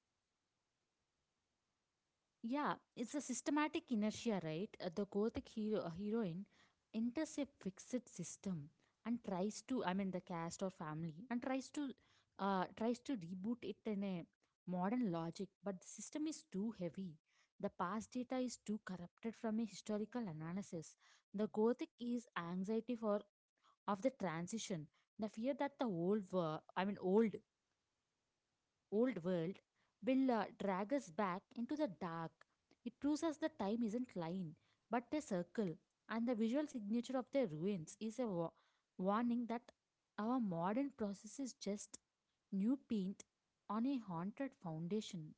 Speaker 2: Yeah, it's a systematic inertia, right? The gothic heroine enters a fixed system and tries to, I mean, the caste or family, and tries to reboot it in a modern logic. But the system is too heavy. The past data is too corrupted from a historical analysis. The gothic is anxiety for of the transition, the fear that the old, wor- I mean, old old world will drag us back into the dark. It proves us that time isn't line, but a circle, and the visual signature of the ruins is a warning that our modern process is just new paint on a haunted foundation.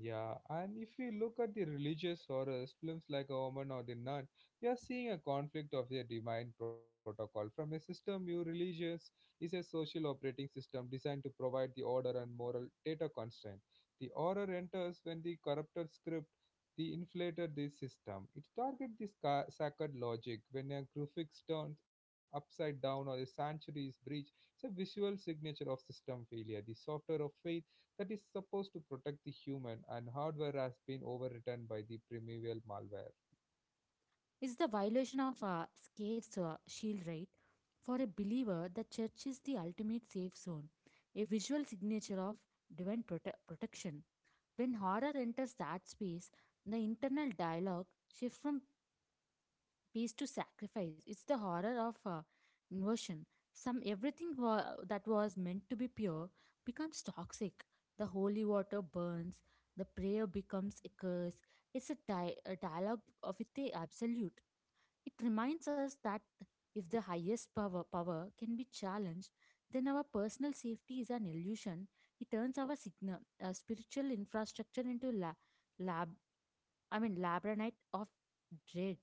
Speaker 1: Yeah, and if you look at the religious horrors, films like A Woman or The Nun, you are seeing a conflict of their divine protocol. From a system, your religions is a social operating system designed to provide the order and moral data constraint. The horror enters when the corrupted script the inflated this system. It targets this sacred logic. When a crucifix turns upside down or a sanctuary is breached, it's a visual signature of system failure. The software of faith that is supposed to protect the human, and hardware has been overwritten by the primeval malware.
Speaker 2: It's the violation of a scape's shield, right? For a believer, the church is the ultimate safe zone, a visual signature of divine protection. When horror enters that space, the internal dialogue shifts from peace to sacrifice. It's the horror of inversion. Some everything that was meant to be pure becomes toxic. The holy water burns. The prayer becomes a curse. It's a dialogue of with the absolute. It reminds us that if the power can be challenged, then our personal safety is an illusion. It turns our spiritual infrastructure into lab, labranite of dread.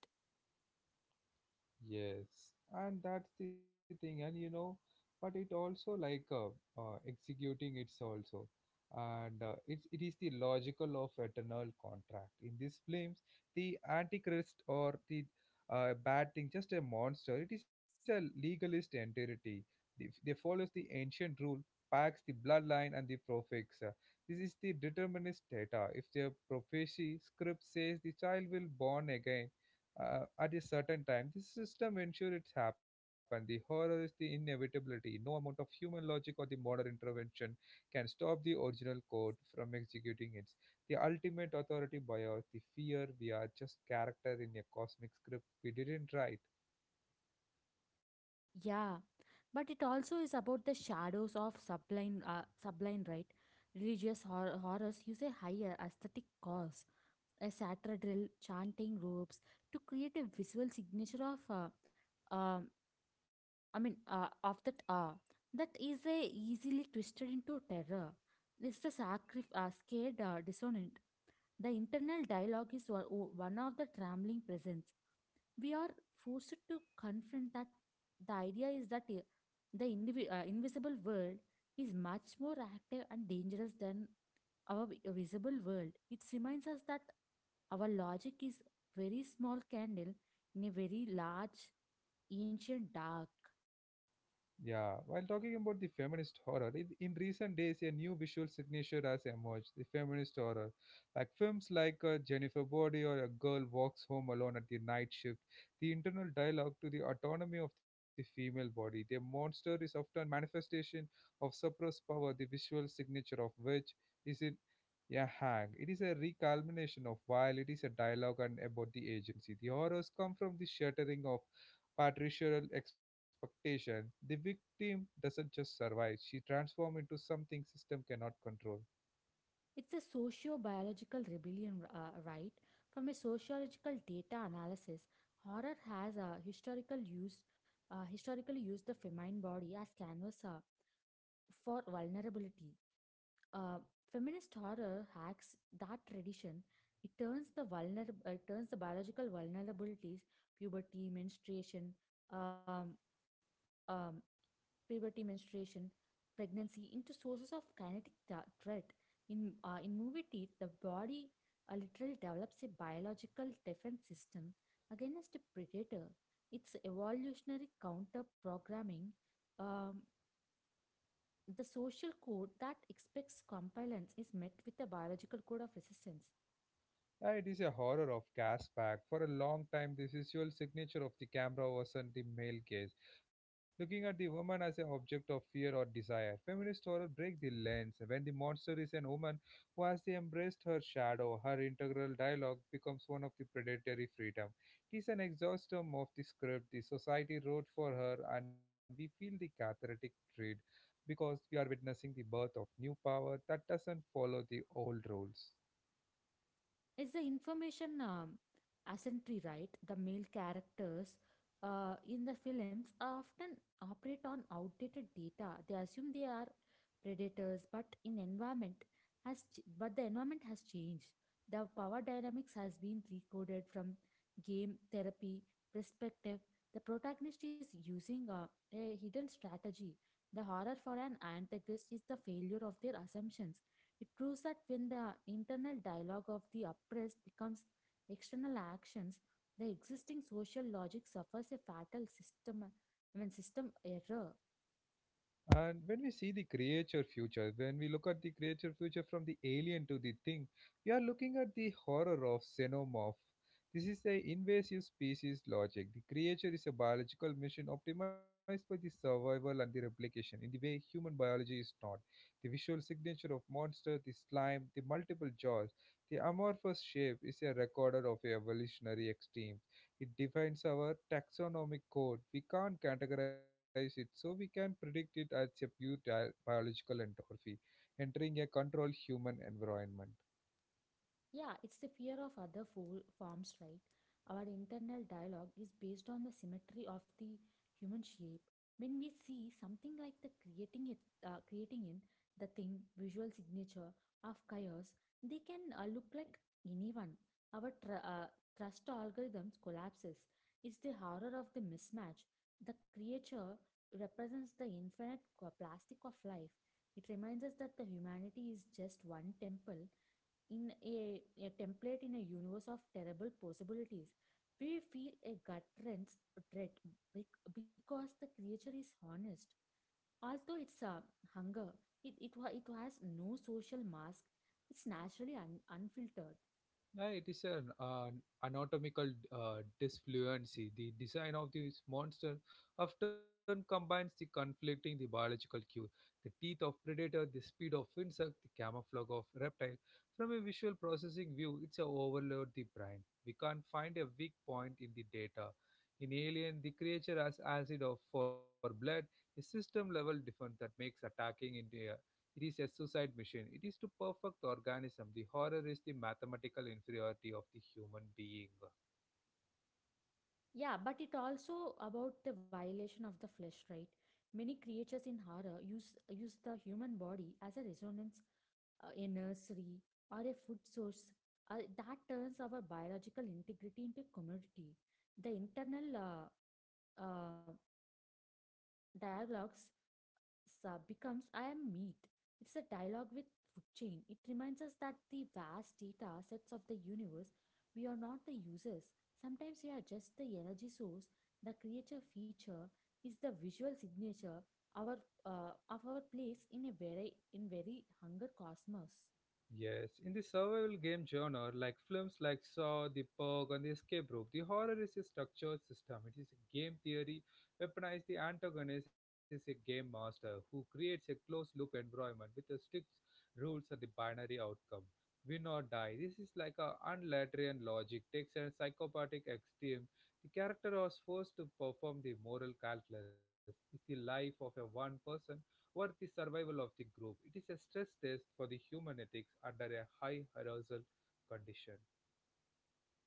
Speaker 1: Yes, and that's the thing, and you know, but it also executing it's also, and it is the logical of eternal contract. In these films, the antichrist or the bad thing, just a monster. It is a legalist entity. They follows the ancient rule, packs the bloodline and the prefix. This is the determinist data. If their prophecy script says the child will born again at a certain time. This system ensures it's happened. The horror is the inevitability. No amount of human logic or the modern intervention can stop the original code from executing it. The ultimate authority bias, the fear we are just character in a cosmic script we didn't write.
Speaker 2: Yeah, but it also is about the shadows of sublime, right? Religious horrors use a higher aesthetic cause, a satirical chanting ropes to create a visual signature of. um of that awe that is a easily twisted into terror. It's the scared dissonant. The internal dialogue is one of the trembling presence. We are forced to confront that the idea is that I- the indivi- invisible world is much more active and dangerous than our visible world. It reminds us that our logic is very small candle in a very large ancient dark.
Speaker 1: Yeah, while talking about the feminist horror, in recent days a new visual signature has emerged, the feminist horror. Like films like Jennifer Body or A Girl Walks Home Alone at the Night Shift, the internal dialogue to the autonomy of the female body. The monster is often manifestation of suppressed power, the visual signature of which is in a hang. It is a recalmination of while it is a dialogue and about the agency. The horrors come from the shattering of patriarchal expectation, the victim doesn't just survive, she transforms into something system cannot control.
Speaker 2: It's a socio-biological rebellion, right? From a sociological data analysis, horror has historically used the feminine body as canvas for vulnerability. Uh, Feminist horror hacks that tradition. It turns the biological vulnerabilities, puberty, menstruation, um, um, puberty, menstruation, pregnancy into sources of kinetic threat. In movie teeth, the body literally develops a biological defense system against a predator. It's evolutionary counter programming. Um, the social code that expects compliance is met with a biological code of resistance.
Speaker 1: It is a horror of gas pack. For a long time, the visual signature of the camera was on the male gaze, looking at the woman as an object of fear or desire. Feminist horror break the lens when the monster is an woman who has embraced her shadow. Her integral dialogue becomes one of the predatory freedom. It is an exhaustum of the script the society wrote for her, and we feel the cathartic dread because we are witnessing the birth of new power that doesn't follow the old rules.
Speaker 2: Is the information asymmetry right? The male characters in the films often operate on outdated data. They assume they are predators, but in environment has ch- but the environment has changed. The power dynamics has been recoded from game therapy perspective. The protagonist is using a hidden strategy. The horror for an antagonist is the failure of their assumptions. It proves that when the internal dialogue of the oppressed becomes external actions, the existing social logic suffers a fatal system, I mean, system error.
Speaker 1: And when we see the creature future, when we look at the creature future from the alien to the thing, we are looking at the horror of xenomorph. This is the invasive species logic. The creature is a biological machine optimized by the survival and the replication in the way human biology is not. The visual signature of monster, the slime, the multiple jaws, the amorphous shape is a recorder of evolutionary extremes. It defines our taxonomic code. We can't categorize it, so we can predict it as a pure biological entropy, entering a controlled human environment.
Speaker 2: Yeah, it's the fear of other forms, right? Our internal dialogue is based on the symmetry of the human shape. When we see something like the creating in the thing visual signature of chaos, they can look like anyone. Our trust algorithms collapses. It's the horror of the mismatch. The creature represents the infinite plastic of life. It reminds us that the humanity is just one temple in a template in a universe of terrible possibilities. We feel a gut wrench dread because the creature is honest. Although it's a hunger, it has no social mask. It's naturally unfiltered.
Speaker 1: Yeah, it is an anatomical disfluency. The design of this monster often combines the conflicting the biological cue, the teeth of predator, the speed of insect, the camouflage of reptile. From a visual processing view, it's a overload the brain. We can't find a weak point in the data. In Alien, the creature has acid of for blood, a system level defense that makes attacking India it is a suicide mission. It is to perfect the organism. The horror is the mathematical inferiority of the human being.
Speaker 2: Yeah, but it also about the violation of the flesh, right? Many creatures in horror use the human body as a resonance, a nursery, or a food source that turns our biological integrity into commodity. The internal uh, uh, dialogues sub becomes I am meat. It's a dialogue with food chain. It reminds us that the vast data sets of the universe, we are not the users. Sometimes we are just the energy source. The creature feature is the visual signature our of our place in a very hunger cosmos.
Speaker 1: Yes, in the survival game genre, like films like Saw, The Purge, and The Escape Room, the horror is a structured system. It is a game theory weaponized. The antagonist is a game master who creates a closed loop environment with the strict rules and the binary outcome. Win or die. This is like a unlaterian logic, takes a psychopathic extreme. The character was forced to perform the moral calculus. Is the life of a one person were the survival of the group. It is a stress test for the human ethics under a high arousal condition.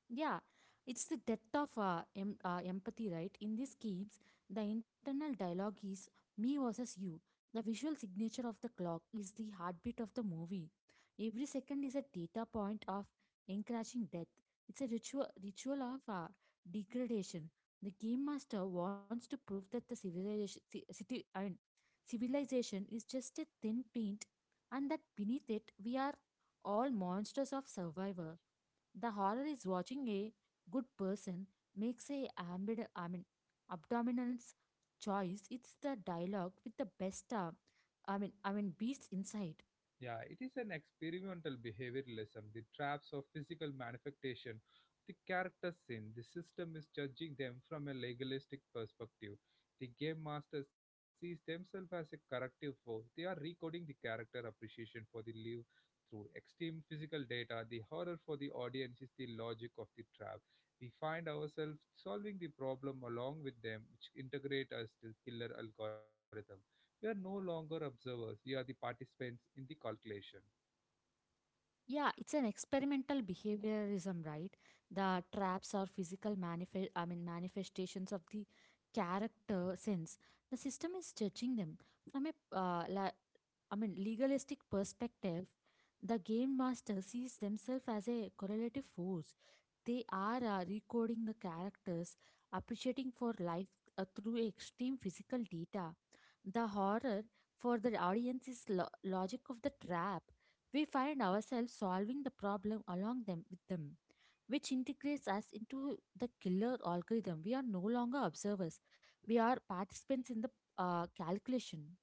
Speaker 2: Yeah, it's the depth of empathy, right? In these games, the internal dialogue is me versus you. The visual signature of the clock is the heartbeat of the movie. Every second is a data point of encroaching death. It's a ritual of degradation. The game master wants to prove that the civilization, ci- city, I mean, civilization is just a thin paint, and that beneath it we are all monsters of survivor. The horror is watching a good person makes a abdominals choice. It's the dialogue with the best, I mean, beast inside.
Speaker 1: Yeah, it is an experimental behavioralism, the traps of physical manifestation. The character sin, the system is judging them from a legalistic perspective. The game master sees themselves as a corrective force. They are recoding the character appreciation for the live through extreme physical data. The horror for the audience is the logic of the trap. We find ourselves solving the problem along with them, which integrate us to killer algorithm. We are no longer observers, we are the participants in the calculation.
Speaker 2: Yeah, it's an experimental behaviorism, right? The traps are physical manifestations of the character sense. The system is judging them from a uh, la- legalistic perspective. The game master sees themselves as a correlative force. They are recoding the characters, appreciating for life through extreme physical data. The horror for the audience is logic of the trap. We find ourselves solving the problem along them with them, which integrates us into the killer algorithm. We are no longer observers; we are participants in the calculation.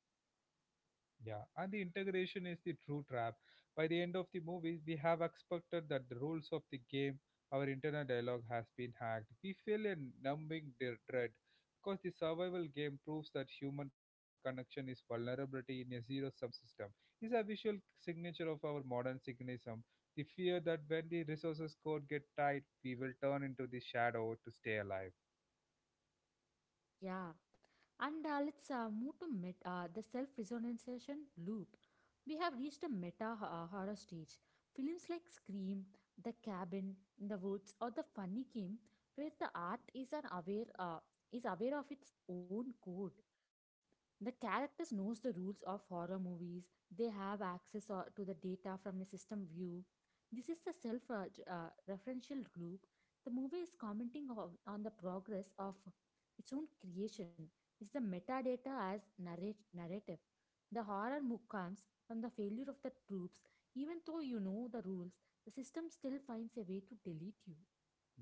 Speaker 1: Yeah, and the integration is the true trap. By the end of the movie, we have expected that the rules of the game, our internal dialogue has been hacked. We feel a numbing dread because the survival game proves that human connection is vulnerability in a zero sum system. It's a visual signature of our modern cynicism. The fear that when the resources code get tight, we will turn into the shadow to stay alive.
Speaker 2: Yeah, and let's move to the self resonancation loop. We have reached a meta horror stage. Films like Scream, The Cabin in the Woods, or The Funny Game, where the art is aware of its own code. The characters knows the rules of horror movies. They have access to the data. From a system view, this is the self referential group. The movie is commenting on the progress of its own creation. It's the metadata as narrative. The horror comes from the failure of the troops. Even though you know the rules, the system still finds a way to delete you.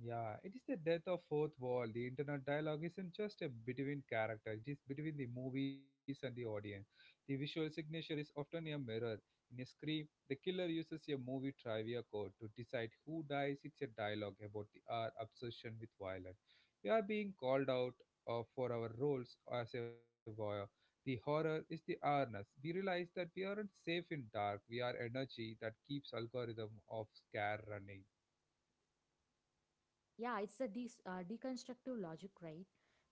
Speaker 1: Yeah, it is the death of fourth wall. The internet dialogue isn't just a between character, it is between the movies and the audience. The visual signature is often a mirror. In a scream, the killer uses a movie trivia code to decide who dies. It's a dialogue about the, our obsession with violence. We are being called out for our roles as a voyeur. The horror is the awareness. We realize that we aren't safe in dark. We are energy that keeps algorithm of scare running.
Speaker 2: Yeah, it's the deconstructive logic, right?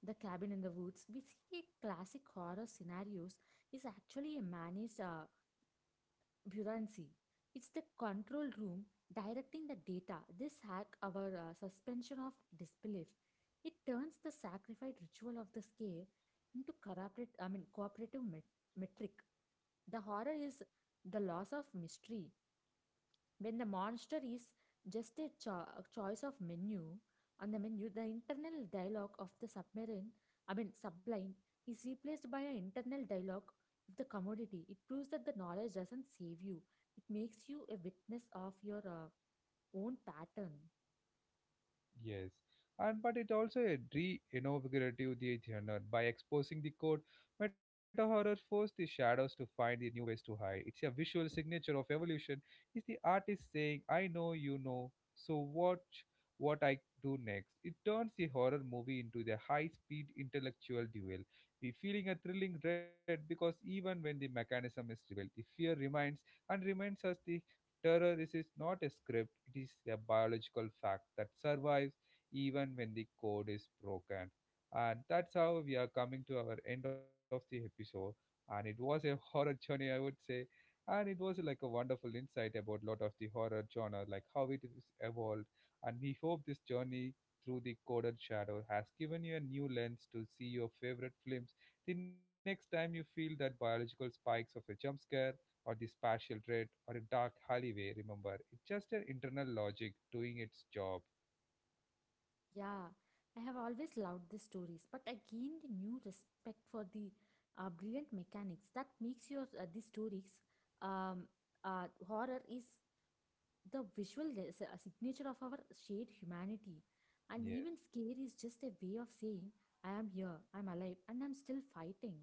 Speaker 2: The cabin in the woods, we see classic horror scenarios, is actually a managed buoyancy. It's the control room directing the data. This hack our suspension of disbelief. It turns the sacrifice ritual of the scare into cooperative metric. The horror is the loss of mystery. When the monster is just a choice of menu, on the menu, the internal dialogue of the submarine, I mean subline, is replaced by an internal dialogue of the commodity. It proves that the knowledge doesn't save you, it makes you a witness of your own pattern.
Speaker 1: Yes, and but it also reinvigorated the genre by exposing the code. Meta horror forced the shadows to find the new ways to hide. It's a visual signature of evolution. It's the artist saying, "I know you know, so watch what I do next." It turns the horror movie into the high-speed intellectual duel. We feeling a thrilling dread because even when the mechanism is revealed, the fear remains and remains as the Terror is not a script, it is a biological fact that survives even when the code is broken. And that's how we are coming to our end of the episode. And it was a horror journey, I would say. And it was like a wonderful insight about lot of the horror genre, like how it is evolved. And we hope this journey through the coded shadow has given you a new lens to see your favorite films the next time you feel that biological spikes of a jump scare or the spatial dread or a dark alleyway, remember. It's just an internal logic doing its job.
Speaker 2: Yeah, I have always loved these stories, but I gained a new respect for the brilliant mechanics that makes your these stories um, horror is the visual is a signature of our shared humanity. And even
Speaker 1: Yes.
Speaker 2: scare is just a way of saying, I am here, I'm alive, and I'm still fighting.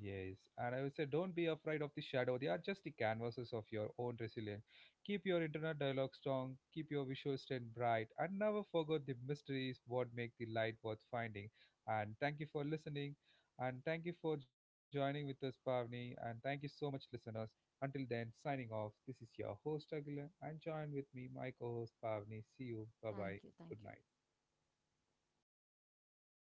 Speaker 1: Yes, and I would say don't be afraid of the shadow. They are just the canvases of your own resilience. Keep your internal dialogue strong, keep your visual strength bright, and never forget the mysteries what make the light worth finding. And thank you for listening, and thank you for joining with us, Pavni, and thank you so much, listeners. Until then, signing off. This is your host Aguilar, and join with me, my co-host Pavni. See you. Bye
Speaker 2: Thank
Speaker 1: bye.
Speaker 2: you, thank
Speaker 1: Good
Speaker 2: you.
Speaker 1: night.